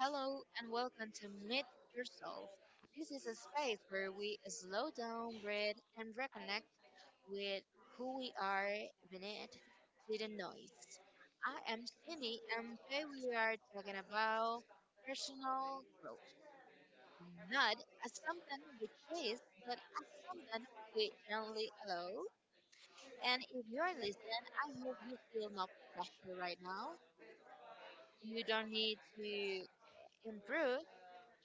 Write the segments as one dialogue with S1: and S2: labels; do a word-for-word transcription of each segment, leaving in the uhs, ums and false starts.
S1: Hello and welcome to Meet Yourself. This is a space where we slow down, breathe, and reconnect with who we are beneath the noise. I am Cindy, and today we are talking about personal growth, not as something we chase, but as something we gently allow. And if you're listening, I hope you feel no pressure right now. You don't need to improve,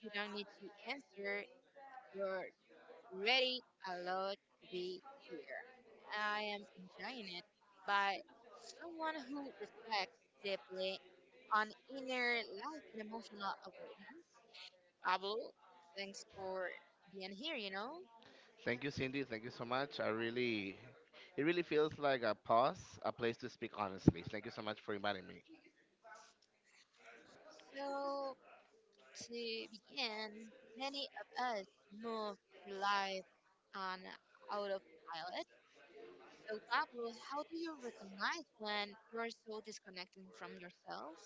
S1: you don't need to answer. You're ready, allowed to be here. I am enjoying it by someone who reflects deeply on inner life and emotional awareness. Pablo, thanks for being here, you know. So, to begin, many of us move through life on autopilot. So, Pablo, how do you recognize when you're so disconnected from yourself?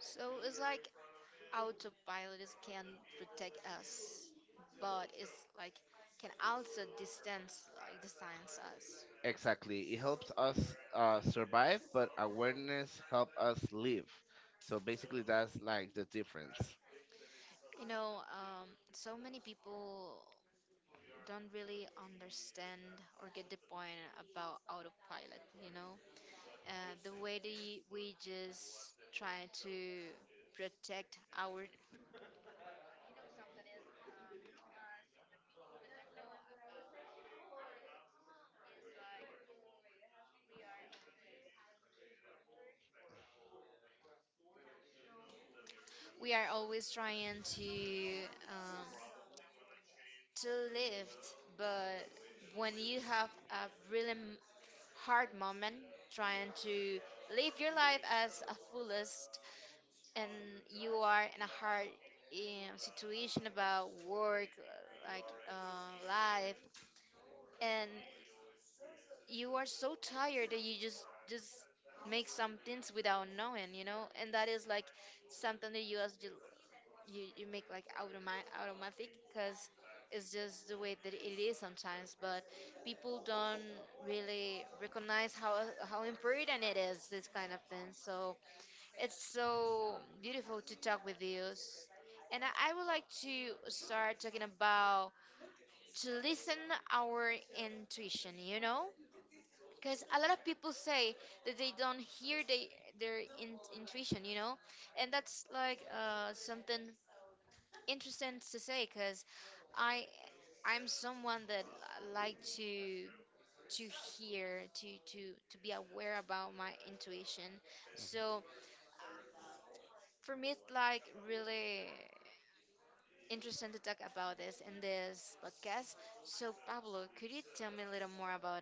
S1: So, it's like autopilot is- can protect us, but it's like can also distance like distance us. You know, um, so many people don't really understand or get the point about autopilot. You know, uh, the way the, we just try to protect our, we are always trying to um, to lift, but when you have a really hard moment trying to live your life as a fullest, and you are in a hard um, situation about work, uh, like uh, life, and you are so tired that you just just make some things without knowing, you know. And that is like something that you as you you make like automatic automatic because it's just the way that it is sometimes. But people don't really recognize how how important it is, this kind of thing. So it's so beautiful to talk with you S- and i I would like to start talking about to listen our intuition, you know, because a lot of people say that they don't hear they, their in, intuition, you know. And that's like uh, something interesting to say because I I'm someone that li- like to to hear to to to be aware about my intuition. So for me, it's like really interesting to talk about this in this podcast. So Pablo, could you tell me a little more about?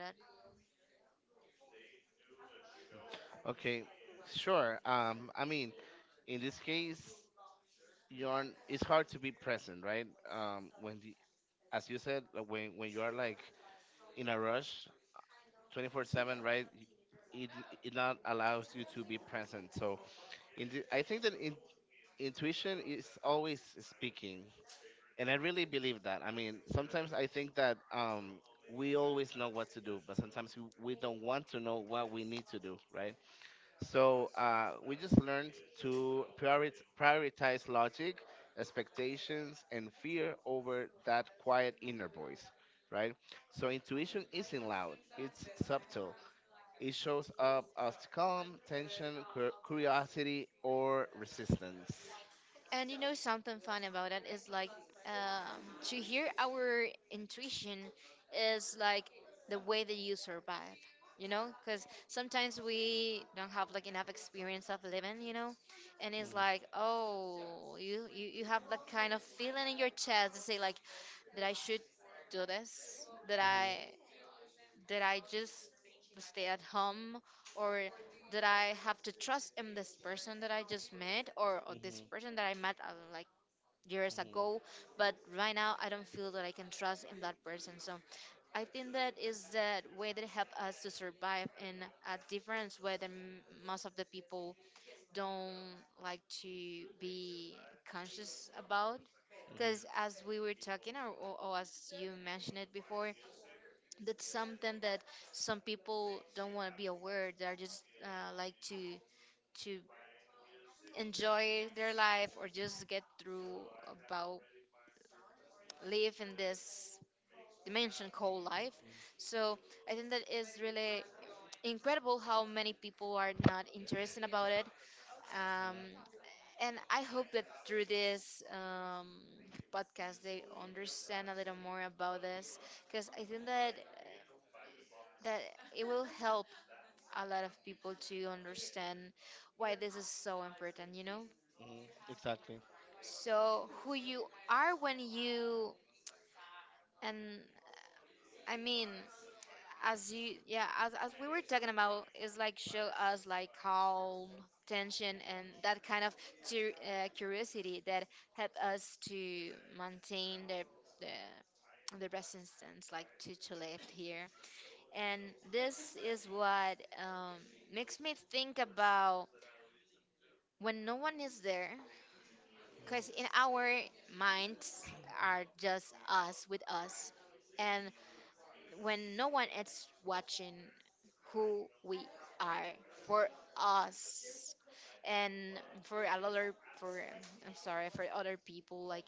S1: And you know, something fun about it is like, um, to hear our intuition is like the way that you survive. You know, because sometimes we don't have like enough experience of living, you know. And it's like, oh, you you, you have that kind of feeling in your chest to say like that I should do this, that I did I just stay at home? Or did I have to trust in this person that I just met, or, or this person that I met uh, like years ago? But right now, I don't feel that I can trust in that person. So I think that is the way that help us to survive in a difference where the, most of the people don't like to be conscious about, because as we were talking or, or, or as you mentioned it before, that's something that some people don't want to be aware. They're just uh, like to to enjoy their life or just get through about live in this dimension called life. So I think that is really incredible how many people are not interested about it. um, and I hope that through this um, podcast they understand a little more about this, because I think that that it will help a lot of people to understand why this is so important, you know? So, who you are when you, and uh, I mean, as you, yeah, as, as we were talking about, is like show us like calm, tension, and that kind of cu- uh, curiosity that help us to maintain the, the, the resistance, like to, to live here. And this is what um, makes me think about when no one is there, because in our minds are just us with us, and when no one is watching who we are for us and for a lot of for I'm sorry, for other people like,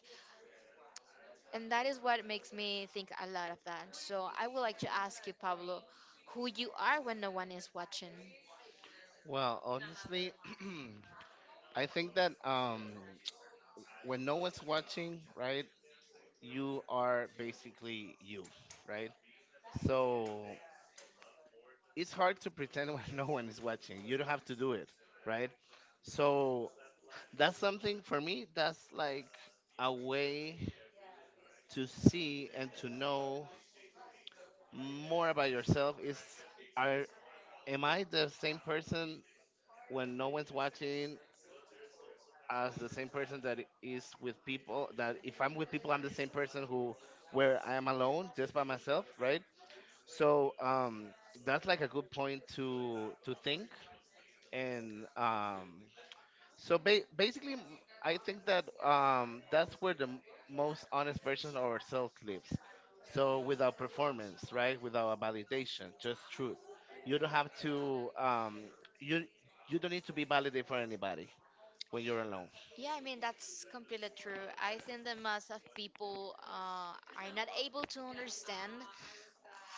S1: and that is what makes me think a lot of that. So I would like to ask you, Pablo, who you are when no one is watching. Yeah, I mean, that's completely true. I think the mass of people uh, are not able to understand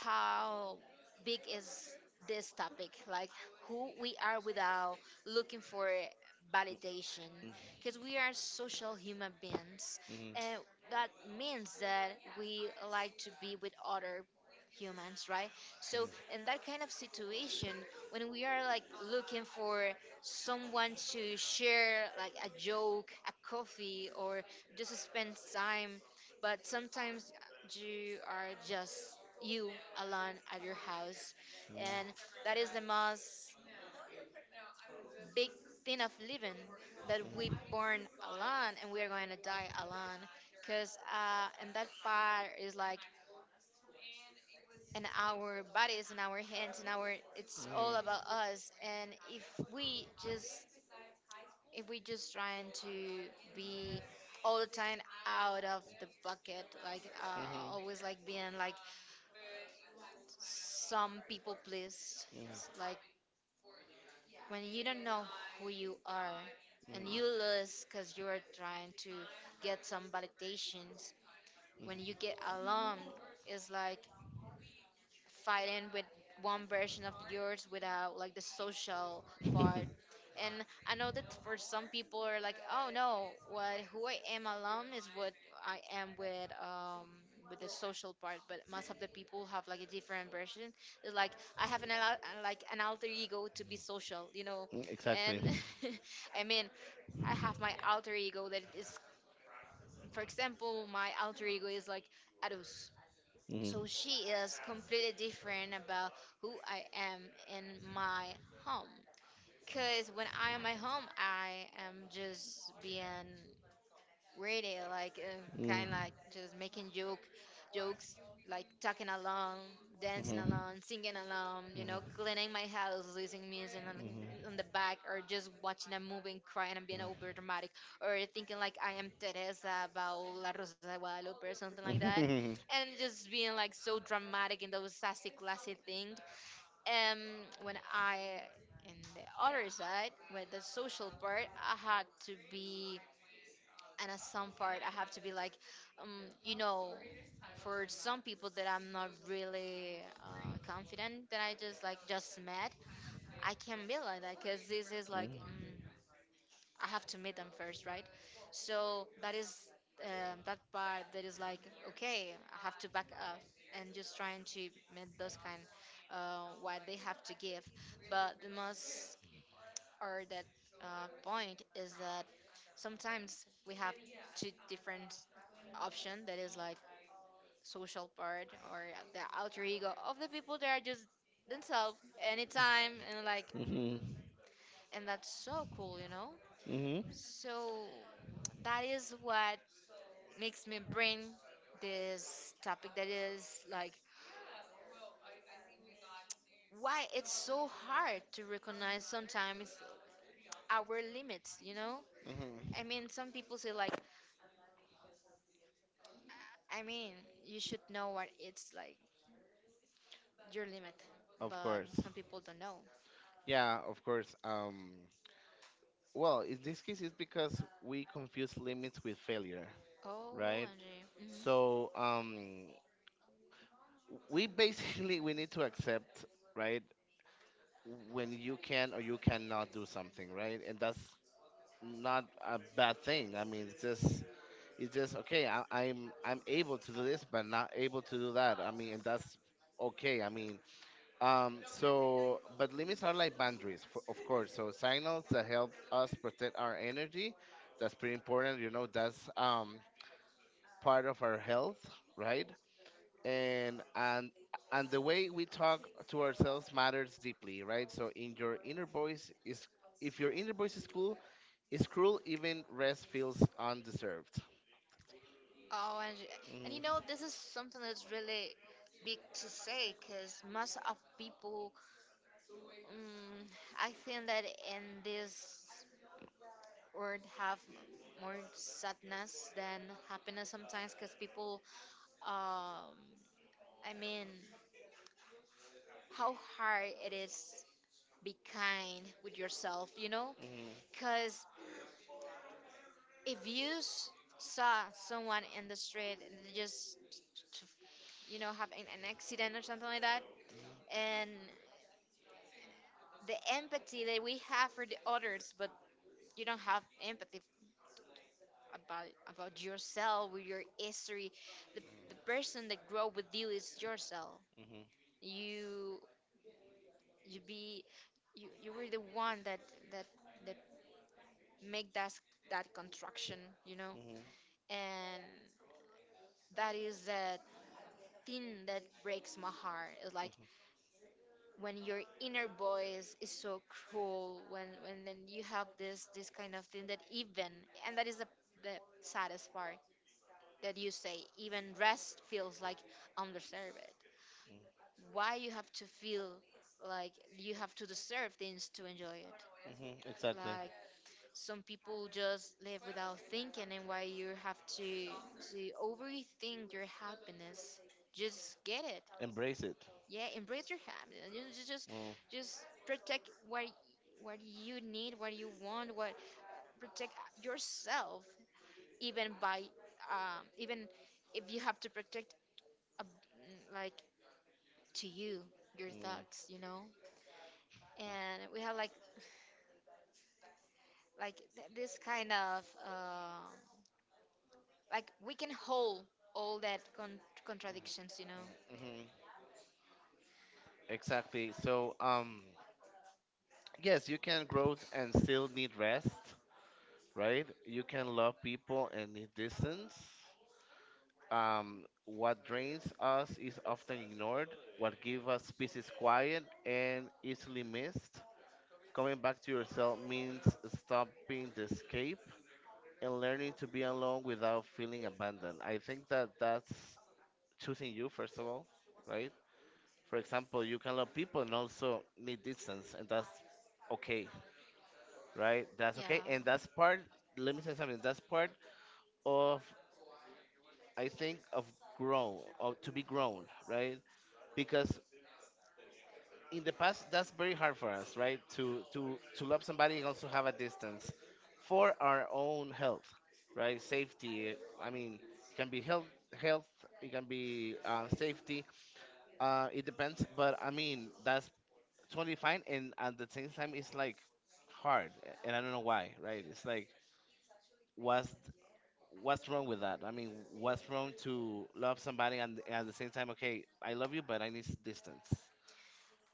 S1: how big is this topic, like who we are without looking for validation, because we are social human beings, and that means that we like to be with other humans, right? So in that kind of situation, when we are like looking for someone to share like a joke, a coffee, or just spend time. But sometimes you are just you alone at your house, and that is the most big thing of living, that we born alone and we are going to die alone. Because uh, and that part is like in our bodies, in our hands, in our, it's all about us. And if we just if we just trying to be all the time out of the bucket, like uh, always like being like some people please. It's like when you don't know who you are and you lose, because you're trying to get some validations. When you get alone, it's like fighting with one version of yours without like the social part. And I know that for some people are like, oh no, what, who I am alone is what I am with um with the social part. But most of the people have like a different version. It's like I have an al- like an alter ego to be social, you know. And I mean, I have my alter ego that is, for example, my alter ego is like Adus, so she is completely different about who I am in my home. Cause when I am at home, I am just being ready, like uh, kind of like just making joke, jokes, like talking along, dancing along, singing along, you know, cleaning my house, listening music on, the- on the back, or just watching a movie and crying and being over dramatic, or thinking like I am Teresa about La Rosa de Guadalupe or something like that, and just being like so dramatic and those sassy classy thing. um when I in the other side with the social part, I had to be, and at some part I have to be like, um you know for some people that I'm not really uh, confident that I just like just met, I can be like that because this is like mm, I have to meet them first, right? So that is um, that part that is like, okay, I have to back up and just trying to meet those kind uh, what they have to give. But the most or that uh, point is that sometimes we have two different option, that is like social part or the alter ego of the people that are just themselves anytime. And like, and that's so cool, you know. So that is what makes me bring this topic, that is like why it's so hard to recognize sometimes our limits, you know? I mean, some people say like, I mean, you should know what it's like your limit. Some people don't know. Oh, Angie. Oh, Angie. And you know, this is something that's really big to say, because most of people, um, I think that in this would have more sadness than happiness sometimes, because people, um I mean, how hard it is be kind with yourself, you know. Because if you s- saw someone in the street and they just t- you know, have an, an accident or something like that, and the empathy that we have for the others, but you don't have empathy about about yourself with your history. the, the person that grow with you is yourself. you you be you you were the one that that that make that that construction, you know. And that is that thing that breaks my heart. It's like when your inner voice is so cruel, when when then you have this this kind of thing that even, and that is the the saddest part, that you say even rest feels like undeserved. Why you have to feel like you have to deserve things to enjoy it? Like, some people just live without thinking, and why you have to to overthink your happiness? Just get it. Yeah, embrace your happiness. You ju- just just protect what what you need, what you want, what, protect yourself. Even by um even if you have to protect a, like to you your thoughts, you know. And we have like like th- this kind of uh, like we can hold all that con- contradictions, you know.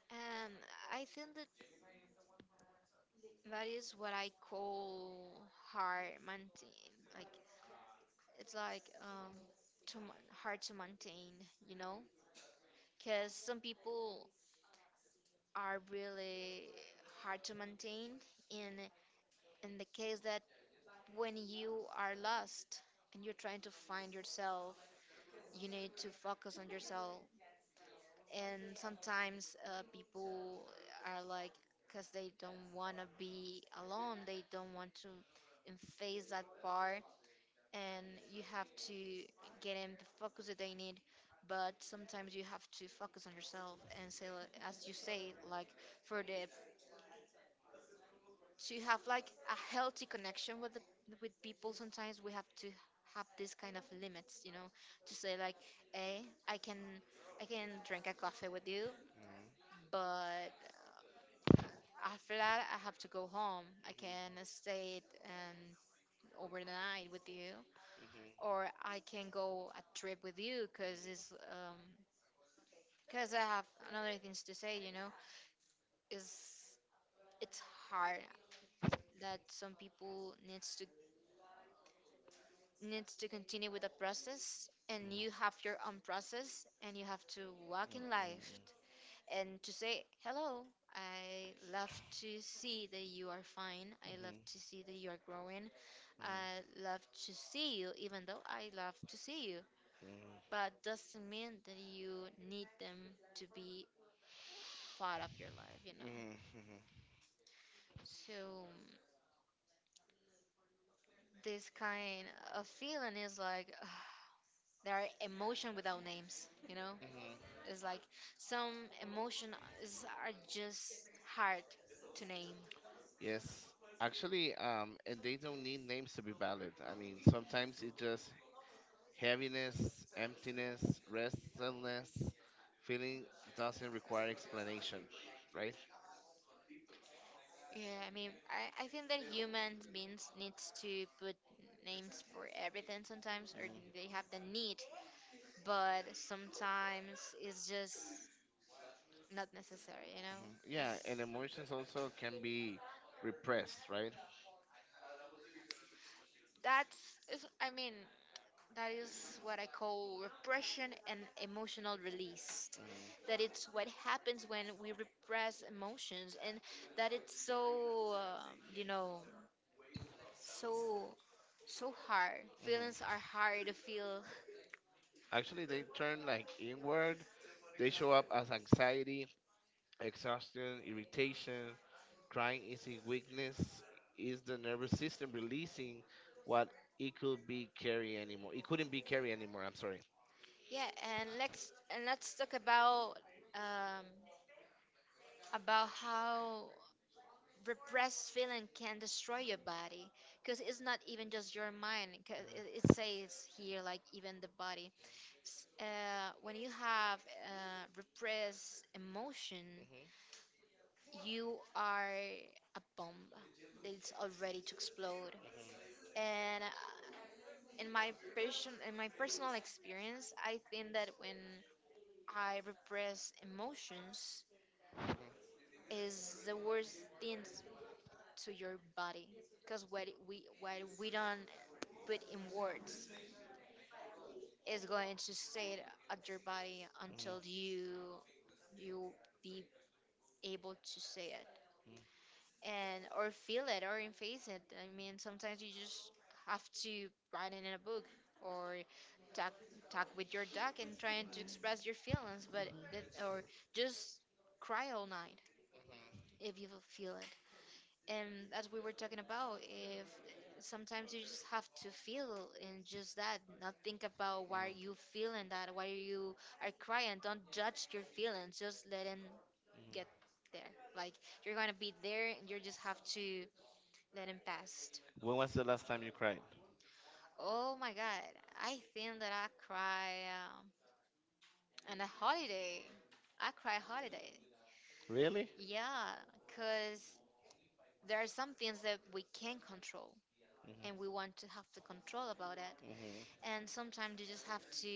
S1: And I think that that is what I call hard maintain, like it's like um to, mon- hard to maintain, you know. Because some people are really hard to maintain in in the case that when you are lost and you're trying to find yourself, you need to focus on yourself. And sometimes uh, people are like, because they don't want to be alone, they don't want to um, face that part, and you have to get them the focus that they need. But sometimes you have to focus on yourself and say like- as you say, like, for the to have like a healthy connection with the, with people, sometimes we have to have this kind of limits, you know, to say like, hey, I can I can drink a coffee with you, but after that, I have to go home. I can stay and overnight with you, or I can go a trip with you, because it's um because I have another things to say. You know, is it's hard that some people needs to needs to continue with the process, and you have your own process, and you have to walk in life and to say hello. I love to see that you are fine. I love to see that you are growing. I love to see you, even though I love to see you. But doesn't mean that you need them to be part of your life, you know. So this kind of feeling is like, there are emotion without names, you know. It's like some emotion is, are just hard to name. Yeah, I mean, I, I think that humans beings needs to put names for everything sometimes, or they have the need, but sometimes it's just not necessary, you know? That's, is- I mean, that is what I call repression and emotional release. That it's what happens when we repress emotions, and that it's so, um, you know, so so hard. Feelings are hard to feel. Yeah, and let's and let's talk about um, about how repressed feeling can destroy your body, because it's not even just your mind. 'Cause it, it says here like even the body. S- Uh, when you have uh, repressed emotion, you are a bomb that is already to explode. And uh, in my person in my personal experience, I think that when I repress emotions is the worst things to your body, because what it- we what we don't put in words is going to stay at your body until you you be able to say it and or feel it or face it. I mean, sometimes you just have to write it in a book, or talk talk with your dog and trying to express your feelings, but that, or just cry all night if you feel it. And as we were talking about, if sometimes you just have to feel and just that not think about why you feeling that, why you are crying, don't judge your feelings, just let them get there, like, you're gonna be there and you just have to let them pass. Oh my god, I think that I cry um, on a holiday. I cry holiday, yeah, because there are some things that we can control and we want to have the control about it. And sometimes you just have to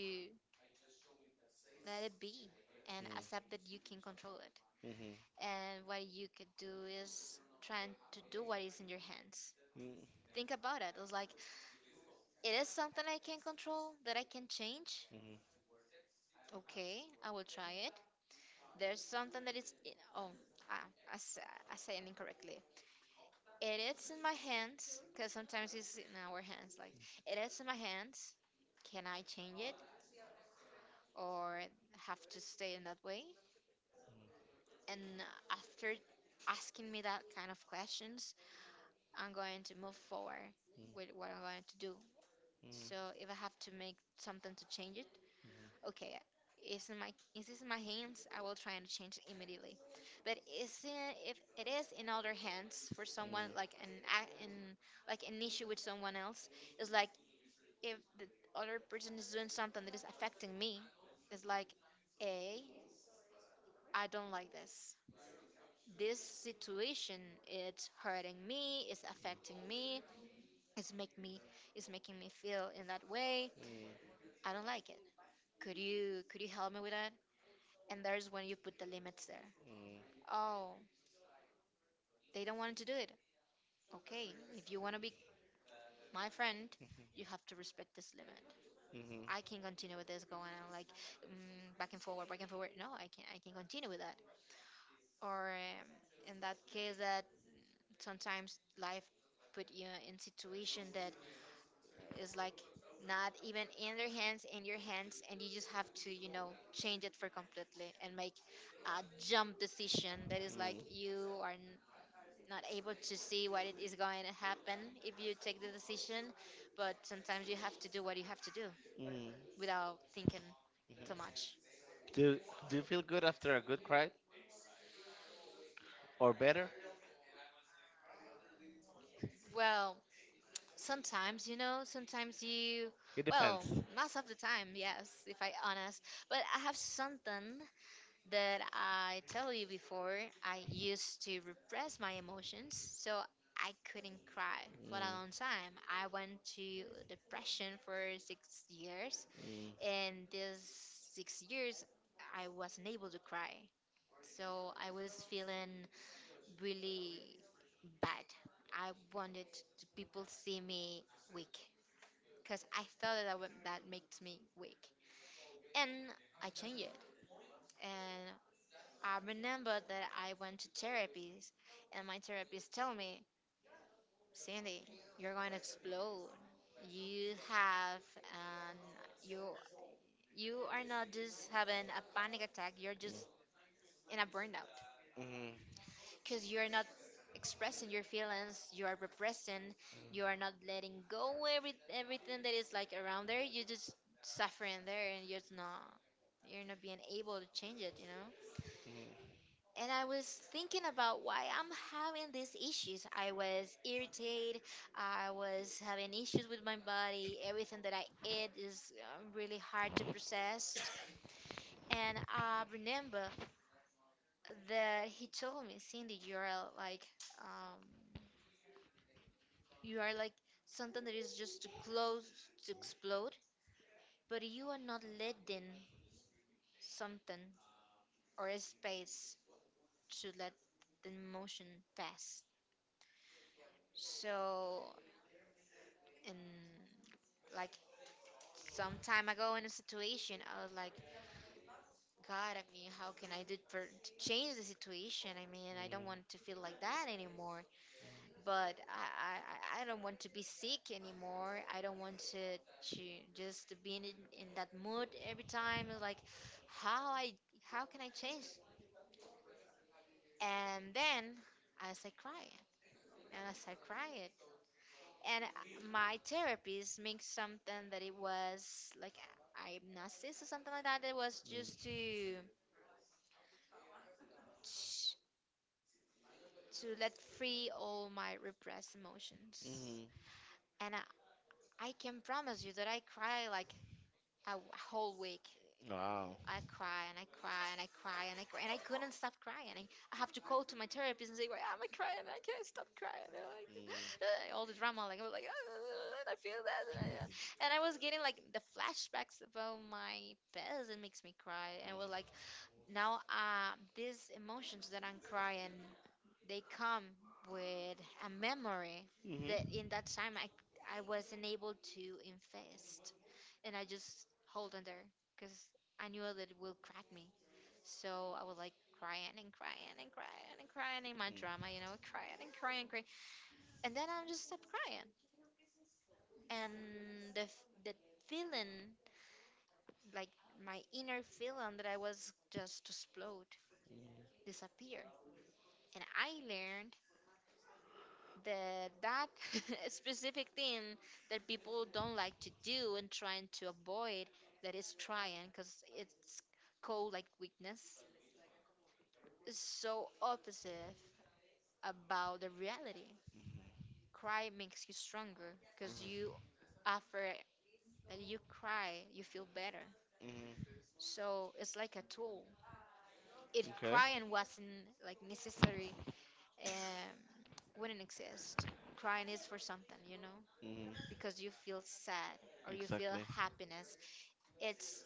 S1: let it be and accept that you can control it. And what you could do is trying to do what is in your hands. Think about it. It's like, it is something I can control, that I can change. Okay, I will try it. There's something that is, in- oh, ah, I, s- I said it incorrectly. It is in my hands, because sometimes it's in our hands. Like, it is in my hands. Can I change it, or have to stay in that way? And after asking me that kind of questions, I'm going to move forward with what I'm going to do. So if I have to make something to change it, okay, is in my is this in my hands? I will try and change it immediately. But is it, if it is in other hands, for someone like an a- an like an issue with someone else, it's like, if the other person is doing something that is affecting me, it's like, a I don't like this. This situation, it's hurting me, it's affecting me, it's make me it's making me feel in that way, I don't like it. Could you could you help me with that? And there's when you put the limits there. Oh, they don't want to do it. Okay, if you want to be my friend, you have to respect this limit. I can continue with this going on like, mm, back and forward, back and forward. No, I can I can continue with that. Or um, in that case, that sometimes life put you in situation that, it's like, not even in their hands, in your hands, and you just have to, you know, change it for completely and make a jump decision that is like, you are n- not able to see what it is going to happen if you take the decision. But sometimes you have to do what you have to do without thinking too much. Well, sometimes, you know, sometimes you, most of the time, yes, if I honest. But I have something that I tell you before, I used to repress my emotions, so I couldn't cry for a long time. I went to depression for six years, and these six years I wasn't able to cry. So I was feeling really bad. I wanted to people see me weak, because I thought that that, would- that makes me weak, and I changed it. And I remember that I went to therapy, and my therapist told me, Cindy, you're going to explode. You have an you you are not just having a panic attack. You're just in a burnout, because you are not expressing your feelings. You are repressing. You are not letting go every everything that is like around there. You're just suffering there, and you're just not you're not being able to change it, you know. And I was thinking about why I'm having these issues. I was irritated. I was having issues with my body. Everything that I eat is um, really hard to process. And I remember that he told me, Cindy, you are like, um, you are like something that is just too close to explode, but you are not letting something, or a space, to let the emotion pass. So, and like, some time ago in a situation I was like, god, I mean, how can I do for to change the situation? I mean, I don't want to feel like that anymore, but i i, I I don't want to be sick anymore, I don't want to, to just be in, in that mood every time. It's like, how I how can I change? And then I start crying, and I start crying, and uh, my therapist makes something that it was like hypnosis or something like that. It was just to to let free all my repressed emotions. And I, I can promise you that I cry like a w- whole week. I cry and I cry and I cry and I cry and I couldn't stop crying. I, I have to call to my therapist and say, "Why am I crying? I can't stop crying." And like, all the drama, like I was like, "Ah, and I feel that, and I, uh, and I was getting like the flashbacks about my past. It makes me cry, and I was like, now uh, these emotions that I'm crying, they come with a memory that in that time I I wasn't able to invest, and I just hold on there, because I knew that it will crack me. So I was like crying and crying and crying and crying in my drama, you know, crying and crying, crying, and then I just stopped crying, and the f- the feeling, like, my inner feeling that I was just to explode, disappear, and I learned the that specific thing that people don't like to do and trying to avoid, that is trying, because it's called like weakness, is so opposite about the reality. Cry makes you stronger, because you, after that you cry, you feel better. So it's like a tool. If crying wasn't like necessary, um wouldn't exist. Crying is for something, you know, because you feel sad or you feel happiness. It's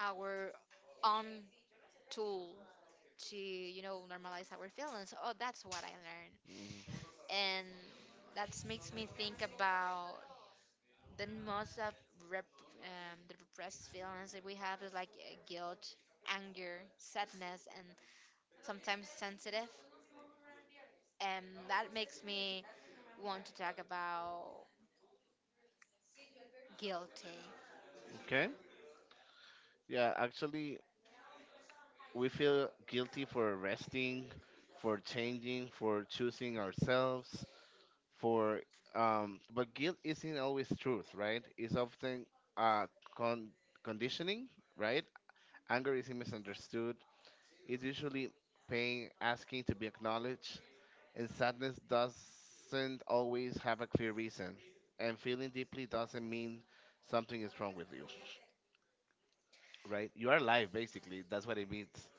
S1: our own tool to, you know, normalize our feelings. Oh, that's what I learned. And that makes me think about the most of rep, um, the repressed feelings that we have is like uh, guilt, anger, sadness, and sometimes sensitive. And that makes me want to talk about guilty.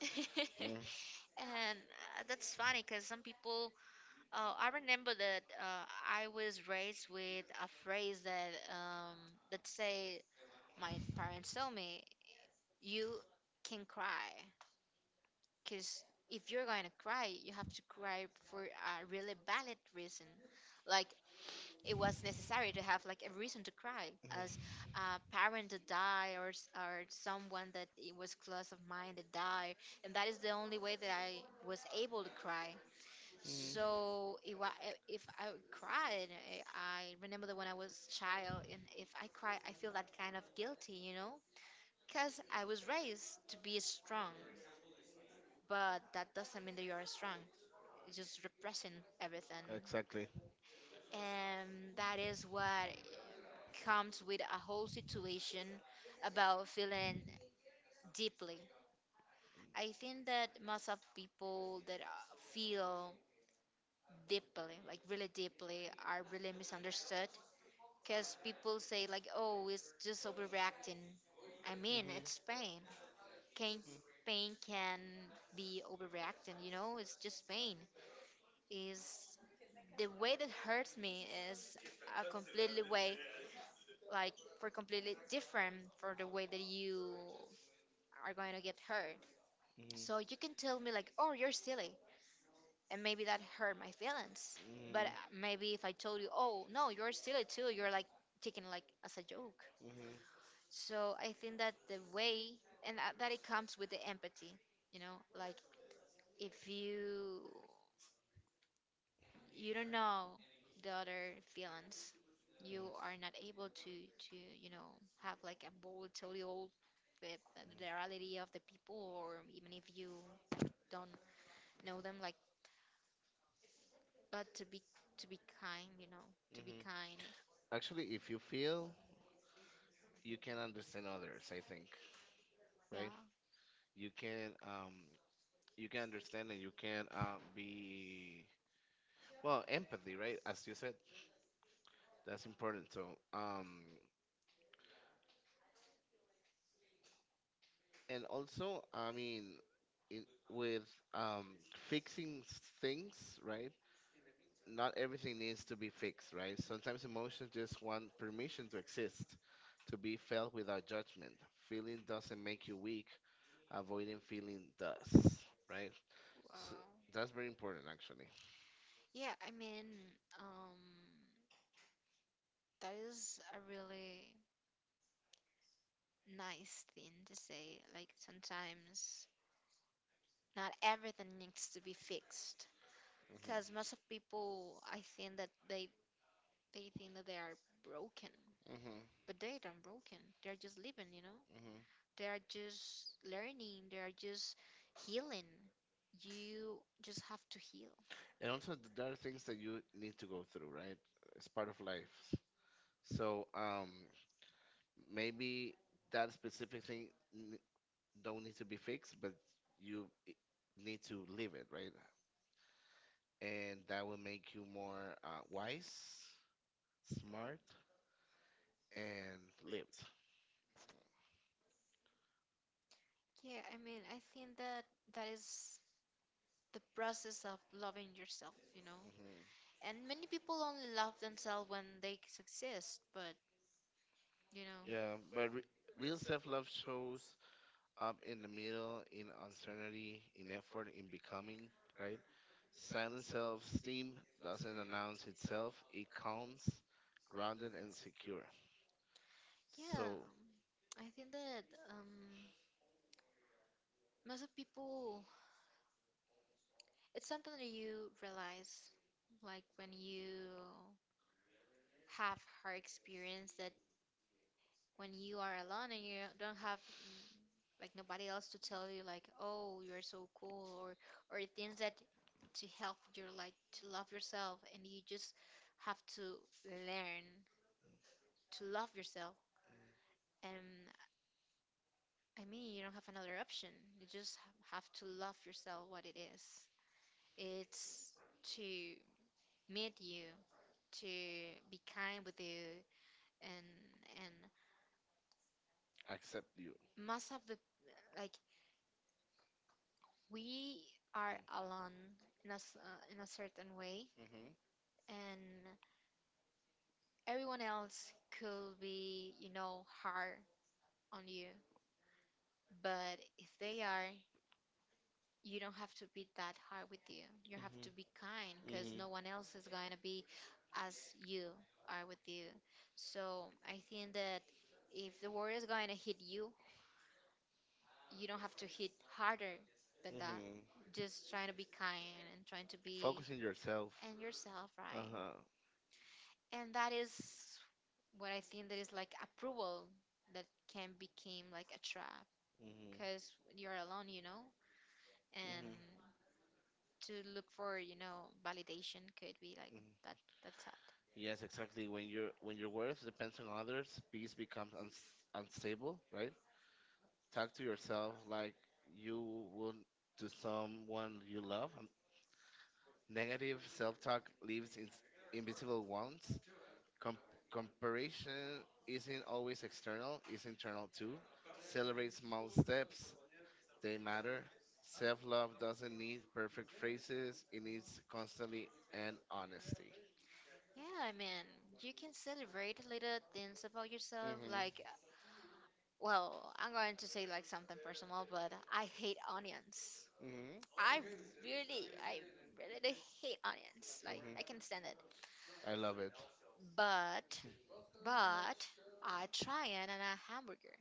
S1: And uh, that's funny, because some people, uh, I remember that uh, I was raised with a phrase that, um, let's say, my parents told me, you can cry. Because if you're going to cry, you have to cry for a really valid reason. Like, it was necessary to have like a reason to cry as a parent that die or, s- or someone that it was close of mine that die, and that is the only way that I was able to cry. So if I if I cried, I, I remember that when I was child, and if I cry, I feel that kind of guilty, you know, because I was raised to be strong, but that doesn't mean that you are strong. It's just repressing everything, and that is what comes with a whole situation about feeling deeply. I think that most of people that uh, feel deeply, like really deeply, are really misunderstood because people say like, "Oh, it's just overreacting." I mean, it's pain. Can pain can be overreacting? You know, it's just pain. Is the way that hurts me is a completely way, like for completely different for the way that you are going to get hurt. So you can tell me like, "Oh, you're silly," and maybe that hurt my feelings. But maybe if I told you, "Oh, no, you're silly too," you're like taking like as a joke. So I think that the way and that, that it comes with the empathy, you know, like if you you don't know the other feelings, you are not able to to you know have like a volatile with the reality of the people, or even if you don't know them, like but to be to be kind, you know, kind. Wow. Yeah, I mean, um, that is a really nice thing to say. Like sometimes not everything needs to be fixed. Because most of people, I think that they they think that they are broken, but they aren't broken. They're just living, you know. They are just learning. They are just healing. You just have to heal. Yeah, I mean, I think that that is the process of loving yourself. And many people only love themselves when they succeed, but you know. I think that um, most of people, it's something that you realize, like when you have hard experience that when you are alone and you don't have like nobody else to tell you like, oh, you're so cool or or things that to help you like to love yourself, and you just have to learn to love yourself. And I mean, you don't have another option. You just have to love yourself what it is. It's to meet you, to be kind with you, and and most of the like we are alone in a, s- uh, in a certain way, and everyone else could be, you know, hard on you, but if they are, you don't have to be that hard with you. You have to be kind, because no one else is going to be as you are with you. So I think that if the world is going to hit you, you don't have to hit harder than that. Just trying to be kind and trying to be and yourself, right? And that is what I think that is like approval that can become like a trap because you're alone, you know, and to look for, you know, validation could be like that. That's sad. Yeah, I mean, you can celebrate little things about yourself. Like, well, I'm going to say like something personal, but I hate onions. I really, I really hate onions. Like, I can stand it. But, but, I try it and a hamburger.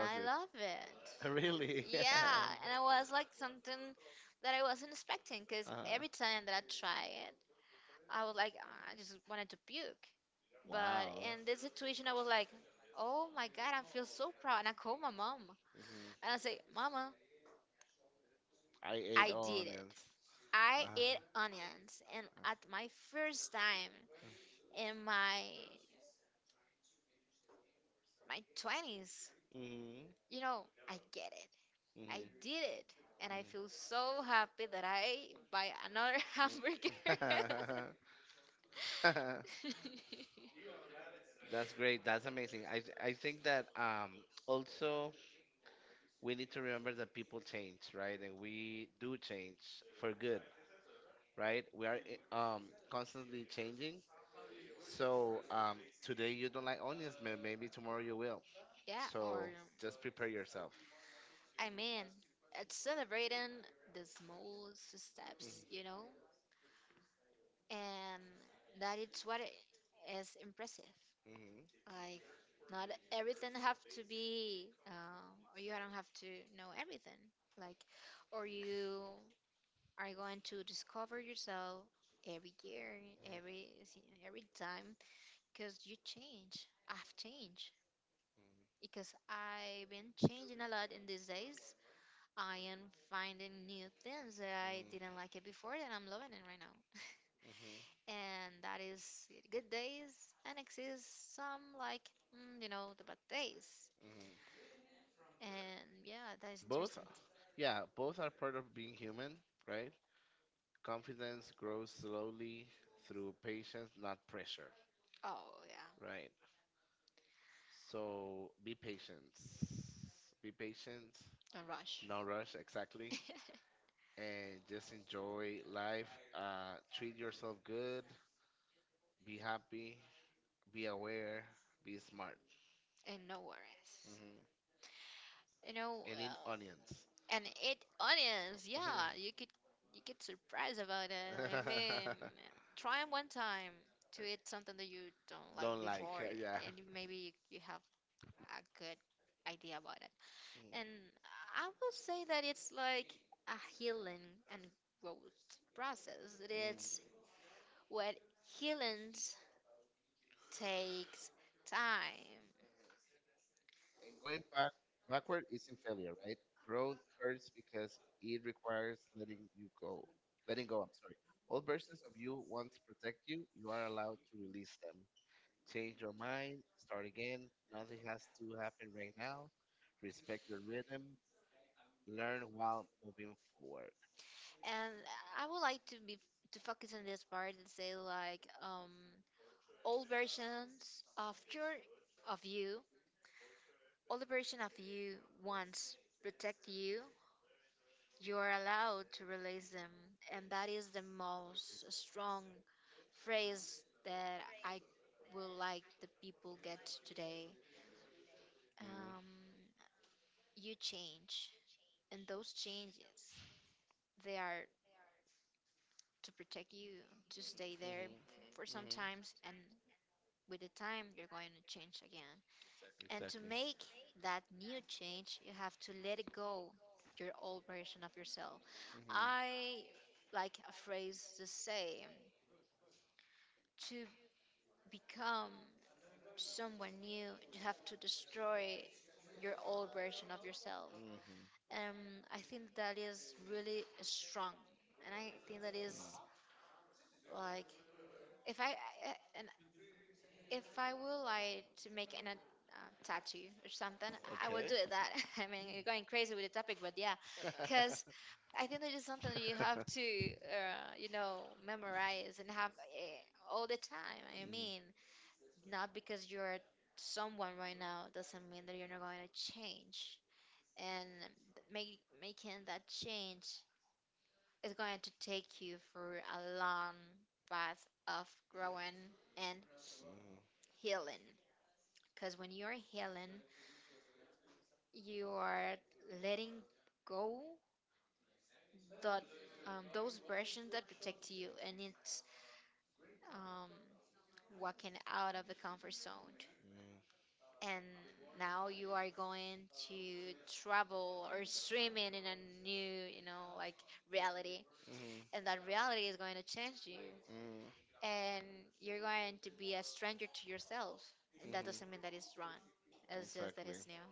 S1: I love it. Yeah, and it was like something that I wasn't expecting because every time that I try it, I was like, "Ah, I just wanted to puke." But in this situation, I was like, oh my God, I feel so proud. And I call my mom and I say, Mama, did it. I ate onions. And at my first time in my my twenties. You know, I get it. I did it. And I feel so happy that I buy another hamburger. Yeah, I mean, it's celebrating the small steps, you know? And that is what i- is impressive. Like, not everything have to be, uh, or you don't have to know everything. Like, or you are going to discover yourself every year, every s- every time, because you change. I've changed because I've been changing a lot in these days. I am finding new things that I didn't like it before, and I'm loving it right now. And that is good days, and exists some like mm, you know, the bad days. And yeah, that is. Oh yeah, don't rush. And no worries. You know, and eat onions. Yeah, you could you get surprised about it. Try 'em one time to eat something that you don't, and you, maybe you, you have a good idea about it. And I will say that it's like a healing and growth process. It's what healings takes time, and I would like to be to focus on this part and say like um old versions of your of you. All the version of you wants protect you, you are allowed to release them. And that is the most strong phrase that I will like the people get today. Um, you change, and those changes they are to protect you to stay there for some times, and with the time you're going to change again. And to make that new change, you have to let it go, your old version of yourself. I like a phrase to say, to become someone new, you have to destroy your old version of yourself. Um, I think that is really strong, and I think that is like if I I- and if I will like to make an a uh, tattoo or something, I will do it. That I mean, you're going crazy with the topic, but yeah, because I think that is something that you have to, uh, you know, memorize and have eh, all the time. I mean, not because you're someone right now doesn't mean that you're not going to change. And make, making that change is going to take you through a long path of growing and healing. Because when you're healing, you are letting go that um, those versions that protect you, and it's um, walking out of the comfort zone. And now you are going to travel or swimming in in a new, you know, like reality. And that reality is going to change you. And you're going to be a stranger to yourself. And that doesn't mean that it's wrong, it's just that it's new.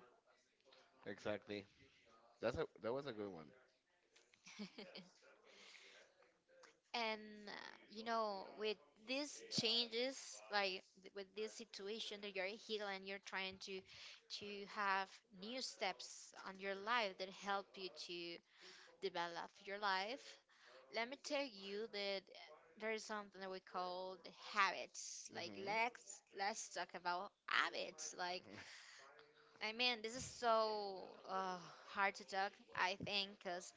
S1: And uh, you know, with these changes, like th- with this situation that you're healing and you're trying to to have new steps on your life that help you to develop your life. Let me tell you that there is something that we call the habits. Like let's let's talk about habits. Like I mean, this is so uh, hard to talk. I think because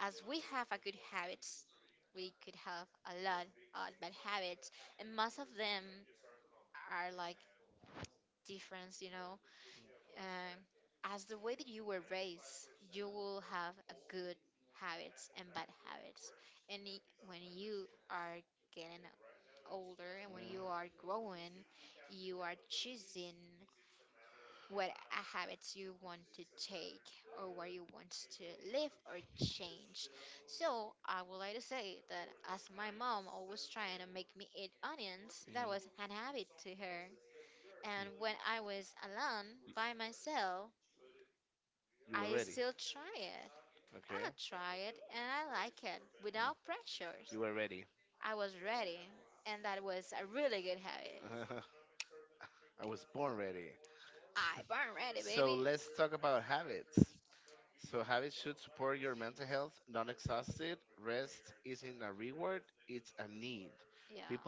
S1: as we have a good habits, we could have a lot of bad habits, and most of them are like difference, you know. Um, as the way that you were raised, you will have a good habits and bad habits, and y- when you are getting older and when you are growing, you are choosing what uh, habits you want to take or where you want to live or change. So I would like to say that as my mom always trying to make me eat onions, that was an habit to her. And when I was alone by myself, I still try it. I try it and I like it without pressures. I was ready and that was a really good habit. I burn ready. Yeah.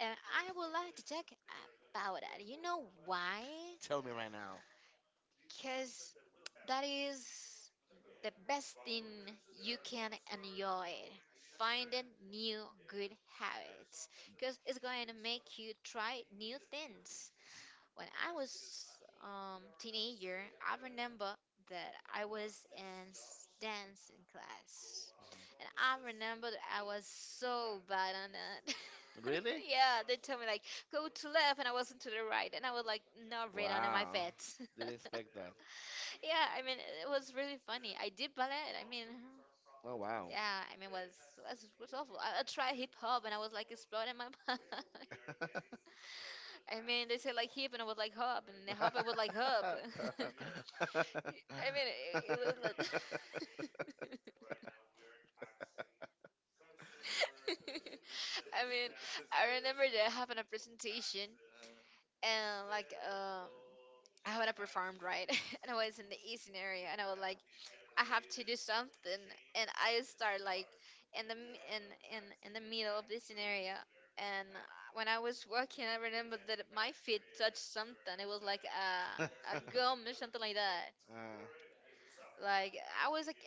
S1: And I would like to talk about it. You know why? Because that is the best thing you can enjoy finding new good habits because it's going to make you try new things. When I was um teenager, I remember that I was in s- dancing class, and I remember that I was so bad on it. Yeah, they told me like go to left and I wasn't to the right, and I was like not red under my feet. Yeah, I mean, it it was really funny. I did ballet. I mean, yeah, I mean, was was was awful. I, I tried hip hop, and I was like exploding my mind. I mean, they said like hip, and I was like hop, and the hop, I was like hop. I mean, it- I mean, remember that I having a presentation, and like um, I haven't performed right, and I was in the eastern area, and I was like, I have to do something, and I start like in the m- in in in the middle of this scenario. And when I was walking, I remember that my feet touched something. It was like a a
S2: uh,
S1: gum or something like that. Like I was like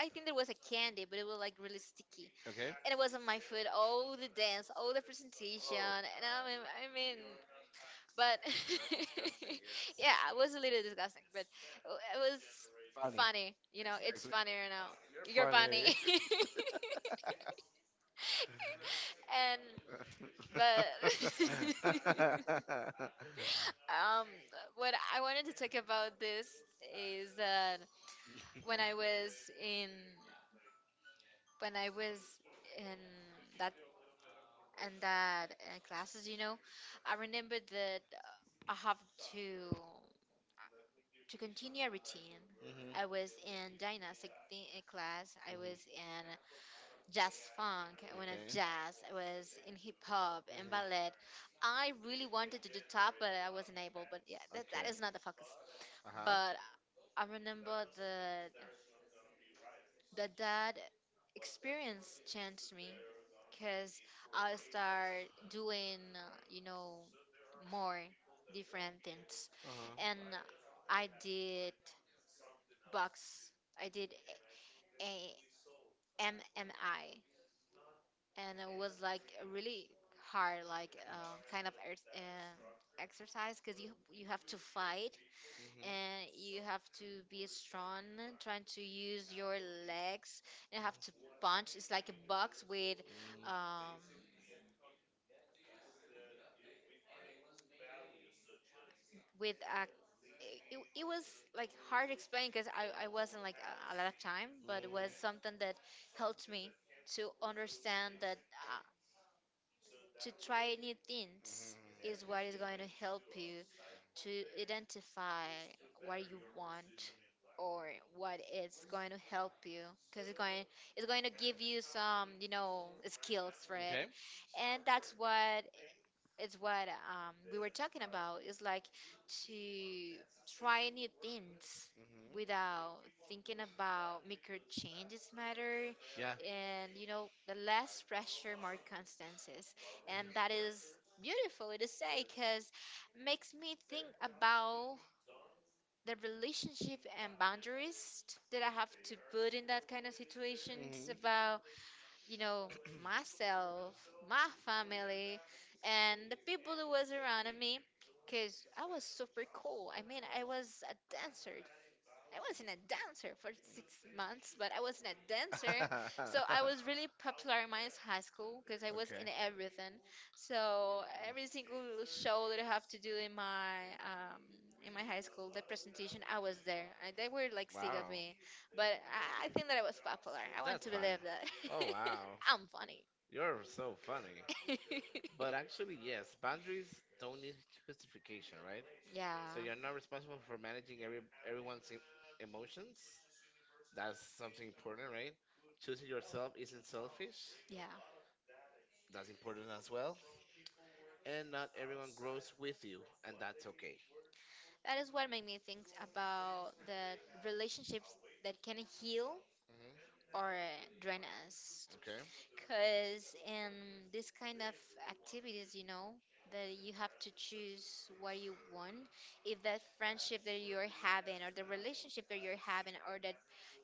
S1: I I think there was a candy, but it was like really sticky,
S2: okay.
S1: and it was on my foot. All the dance, all the presentation,
S2: Oh,
S1: and I mean, I mean, but yeah, it was a little disgusting, but it was.
S2: funny.
S1: Funny. You know, it's
S2: Actually,
S1: funnier now. You're funny.
S2: funny.
S1: and but um what I wanted to talk about this is that when I was in when I was in that and that uh, classes, you know, I remembered that I have to to continue a routine.
S2: hmm
S1: I was
S2: hmm
S1: in gymnastic thi- uh, class. I was in jazz funk, when a
S2: Okay.
S1: jazz I was in hip hop and ballet.
S2: hmm
S1: I really wanted to do top, but I wasn't able. But yeah, that, that
S2: Okay.
S1: is not the focus.
S2: Uh huh.
S1: But I remember the the that experience changed me because I start doing uh, you know, more different things,
S2: Uh huh.
S1: and I did box. I did a M M I. And it was like a really hard, like um, kind of ex- um exercise because you you have to fight and you have to be
S2: hmm
S1: strong, trying to use your legs, and you have to punch. It's like a box with um with a it, it was like hard to explain because I, I wasn't like a, a lot of time, but it was something that helped me to understand that uh, to try new things is what is going to help you to identify what you want, or what is going to help you because it's going it's going to give you some, you know, skills for it.
S2: Okay.
S1: And that's what it's what um, we were talking about, is like to try new things
S2: hmm
S1: without thinking about micro changes matter.
S2: Yeah.
S1: And you know, the less pressure, more constances. And that is beautiful to say, because makes me think about the relationship and boundaries that I have to put in that kind of situation. It's about, you know, myself, my family, and the people that was around me. Because I was super cool. I mean, I was a dancer. I wasn't a dancer for six months, but I wasn't a, so I was really popular in my high school because I was
S2: Okay.
S1: in everything. So every single show that I have to do in my um, in my high school, the presentation, I was there. I, they were like sick of
S2: Wow.
S1: me, but I, I think that I was popular. I want
S2: That's
S1: to
S2: fine.
S1: believe that
S2: Oh wow,
S1: I'm funny.
S2: you're so funny. But actually, yes, boundaries don't need justification, right?
S1: Yeah,
S2: So you're not responsible for managing every everyone's em- emotions. That's something important, right? Choosing yourself isn't selfish.
S1: yeah.
S2: That's important as well. And not everyone grows with you, and that's okay.
S1: That is what made me think about the relationships that can heal
S2: hmm
S1: or drain us.
S2: Okay.
S1: Because in this kind of activities, you know, that you have to choose what you want. If that friendship that you're having, or the relationship that you're having, or that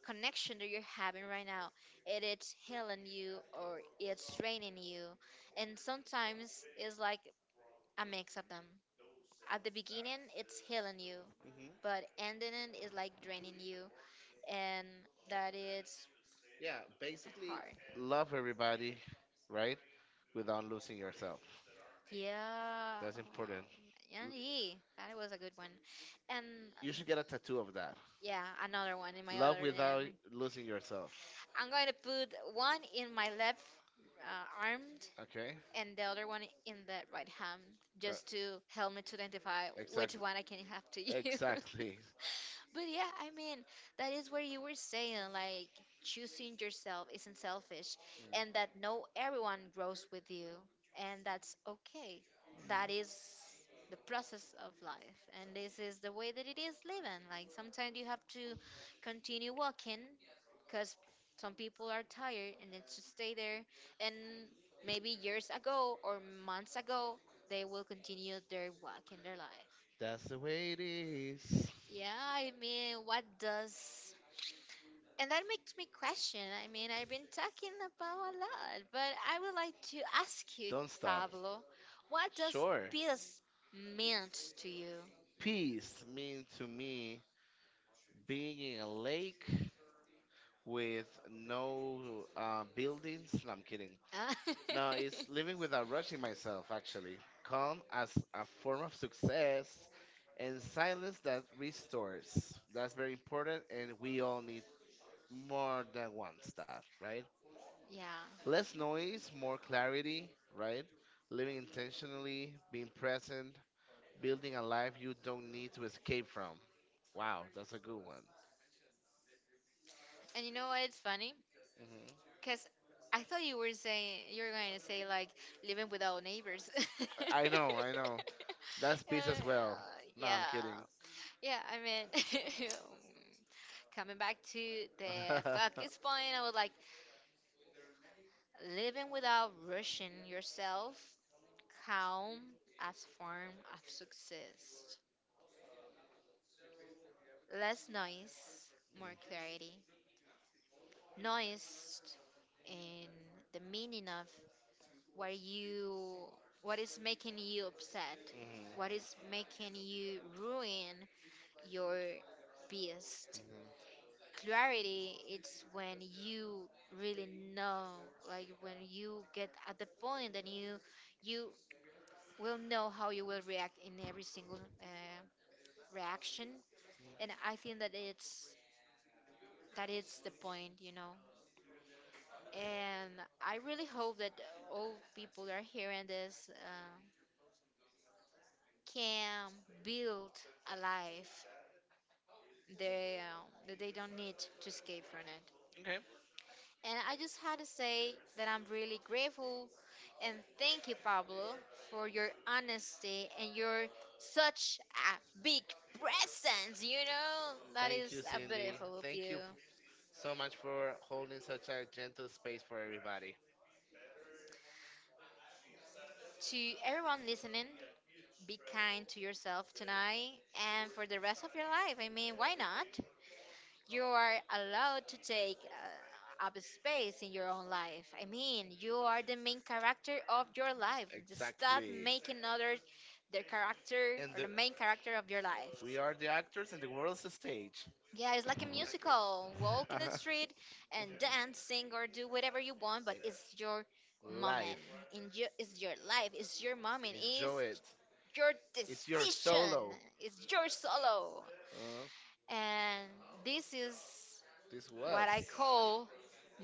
S1: connection that you're having right now, it is healing you or it's draining you. And sometimes it's like a mix of them. At the beginning, it's healing you, but ending it is like draining you, and that is
S2: Yeah, basically
S1: hard.
S2: love everybody, right? Without losing yourself.
S1: Yeah,
S2: That's important. L-
S1: Yanji, that was a good one. And
S2: You should get a tattoo of that.
S1: yeah, another one.
S2: Love without losing yourself.
S1: I'm going to put one in my left uh, arm
S2: Okay?
S1: and the other one in the right hand,
S2: Uh,
S1: just to help me to identify which
S2: exactly.
S1: one I can have to.
S2: Exactly.
S1: But yeah, I mean, that is what you were saying, like choosing yourself isn't selfish, and that no everyone grows with you, and that's okay. That is the process of life, and this is the way that it is living. Like sometimes you have to continue walking, because some people are tired and they just stay there, and maybe years ago or months ago they will continue their walk in their life.
S2: That's the way it is.
S1: Yeah, I mean, what does and that makes me question. I mean, I've been talking about a lot, but I would like to ask you,
S2: Don't stop.
S1: Diego, what does
S2: Sure.
S1: peace meant to you?
S2: Peace means to me being in a lake with no uh, buildings. No, I'm kidding.
S1: Uh,
S2: No, it's living without rushing myself, actually. Calm as a form of success and silence that restores. That's very important, and we all need more than once that, right?
S1: yeah.
S2: Less noise, more clarity, right? Living intentionally, being present, building a life you don't need to escape from. Wow, that's a good one.
S1: And you know what? It's funny,
S2: hmm
S1: because I thought you were saying you were going to say like living without neighbors.
S2: I know, I know. That's peace as well. No,
S1: Uh,
S2: I'm kidding.
S1: yeah, I mean, coming back to the it's point, I was like living without rushing yourself, calm as form of success. Less noise, more clarity. Noise in the meaning of what you what is making you upset, what is making you ruin your peace.
S2: Mhm.
S1: Clarity, it's when you really know, like when you get at the point that you you will know how you will react in every single uh, reaction. And I think that it's that is the point, you know. And I really hope that all people that are hearing this uh, can build a life they, uh, that they don't need to escape from it.
S2: Okay.
S1: And I just had to say that I'm really grateful, and thank you, Pablo, for your honesty and your such a big presence, you know? That
S2: Thank
S1: is
S2: you, Cindy.
S1: beautiful.
S2: Thank you f- so much for holding such a gentle space for everybody.
S1: To everyone listening, be kind to yourself tonight and for the rest of your life. I mean, why not? You are allowed to take uh, up space in your own life. I mean, you are the main character of your life. Just
S2: Exactly.
S1: making others their character,
S2: And the,
S1: main character of your life.
S2: we are the actors and the world's a stage.
S1: Yeah, it's like a musical. Walk
S2: Uh-huh.
S1: street and dance, sing, or do whatever you want, but it's your
S2: Mhm. Life.
S1: in your, it's your life, it's your moment, it's
S2: Enjoy it.
S1: your this,
S2: It's your solo.
S1: it's your solo.
S2: Uh,
S1: And this is
S2: this was.
S1: whole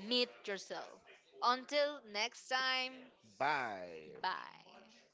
S1: meet yourself. Until next time,
S2: Bye.
S1: bye.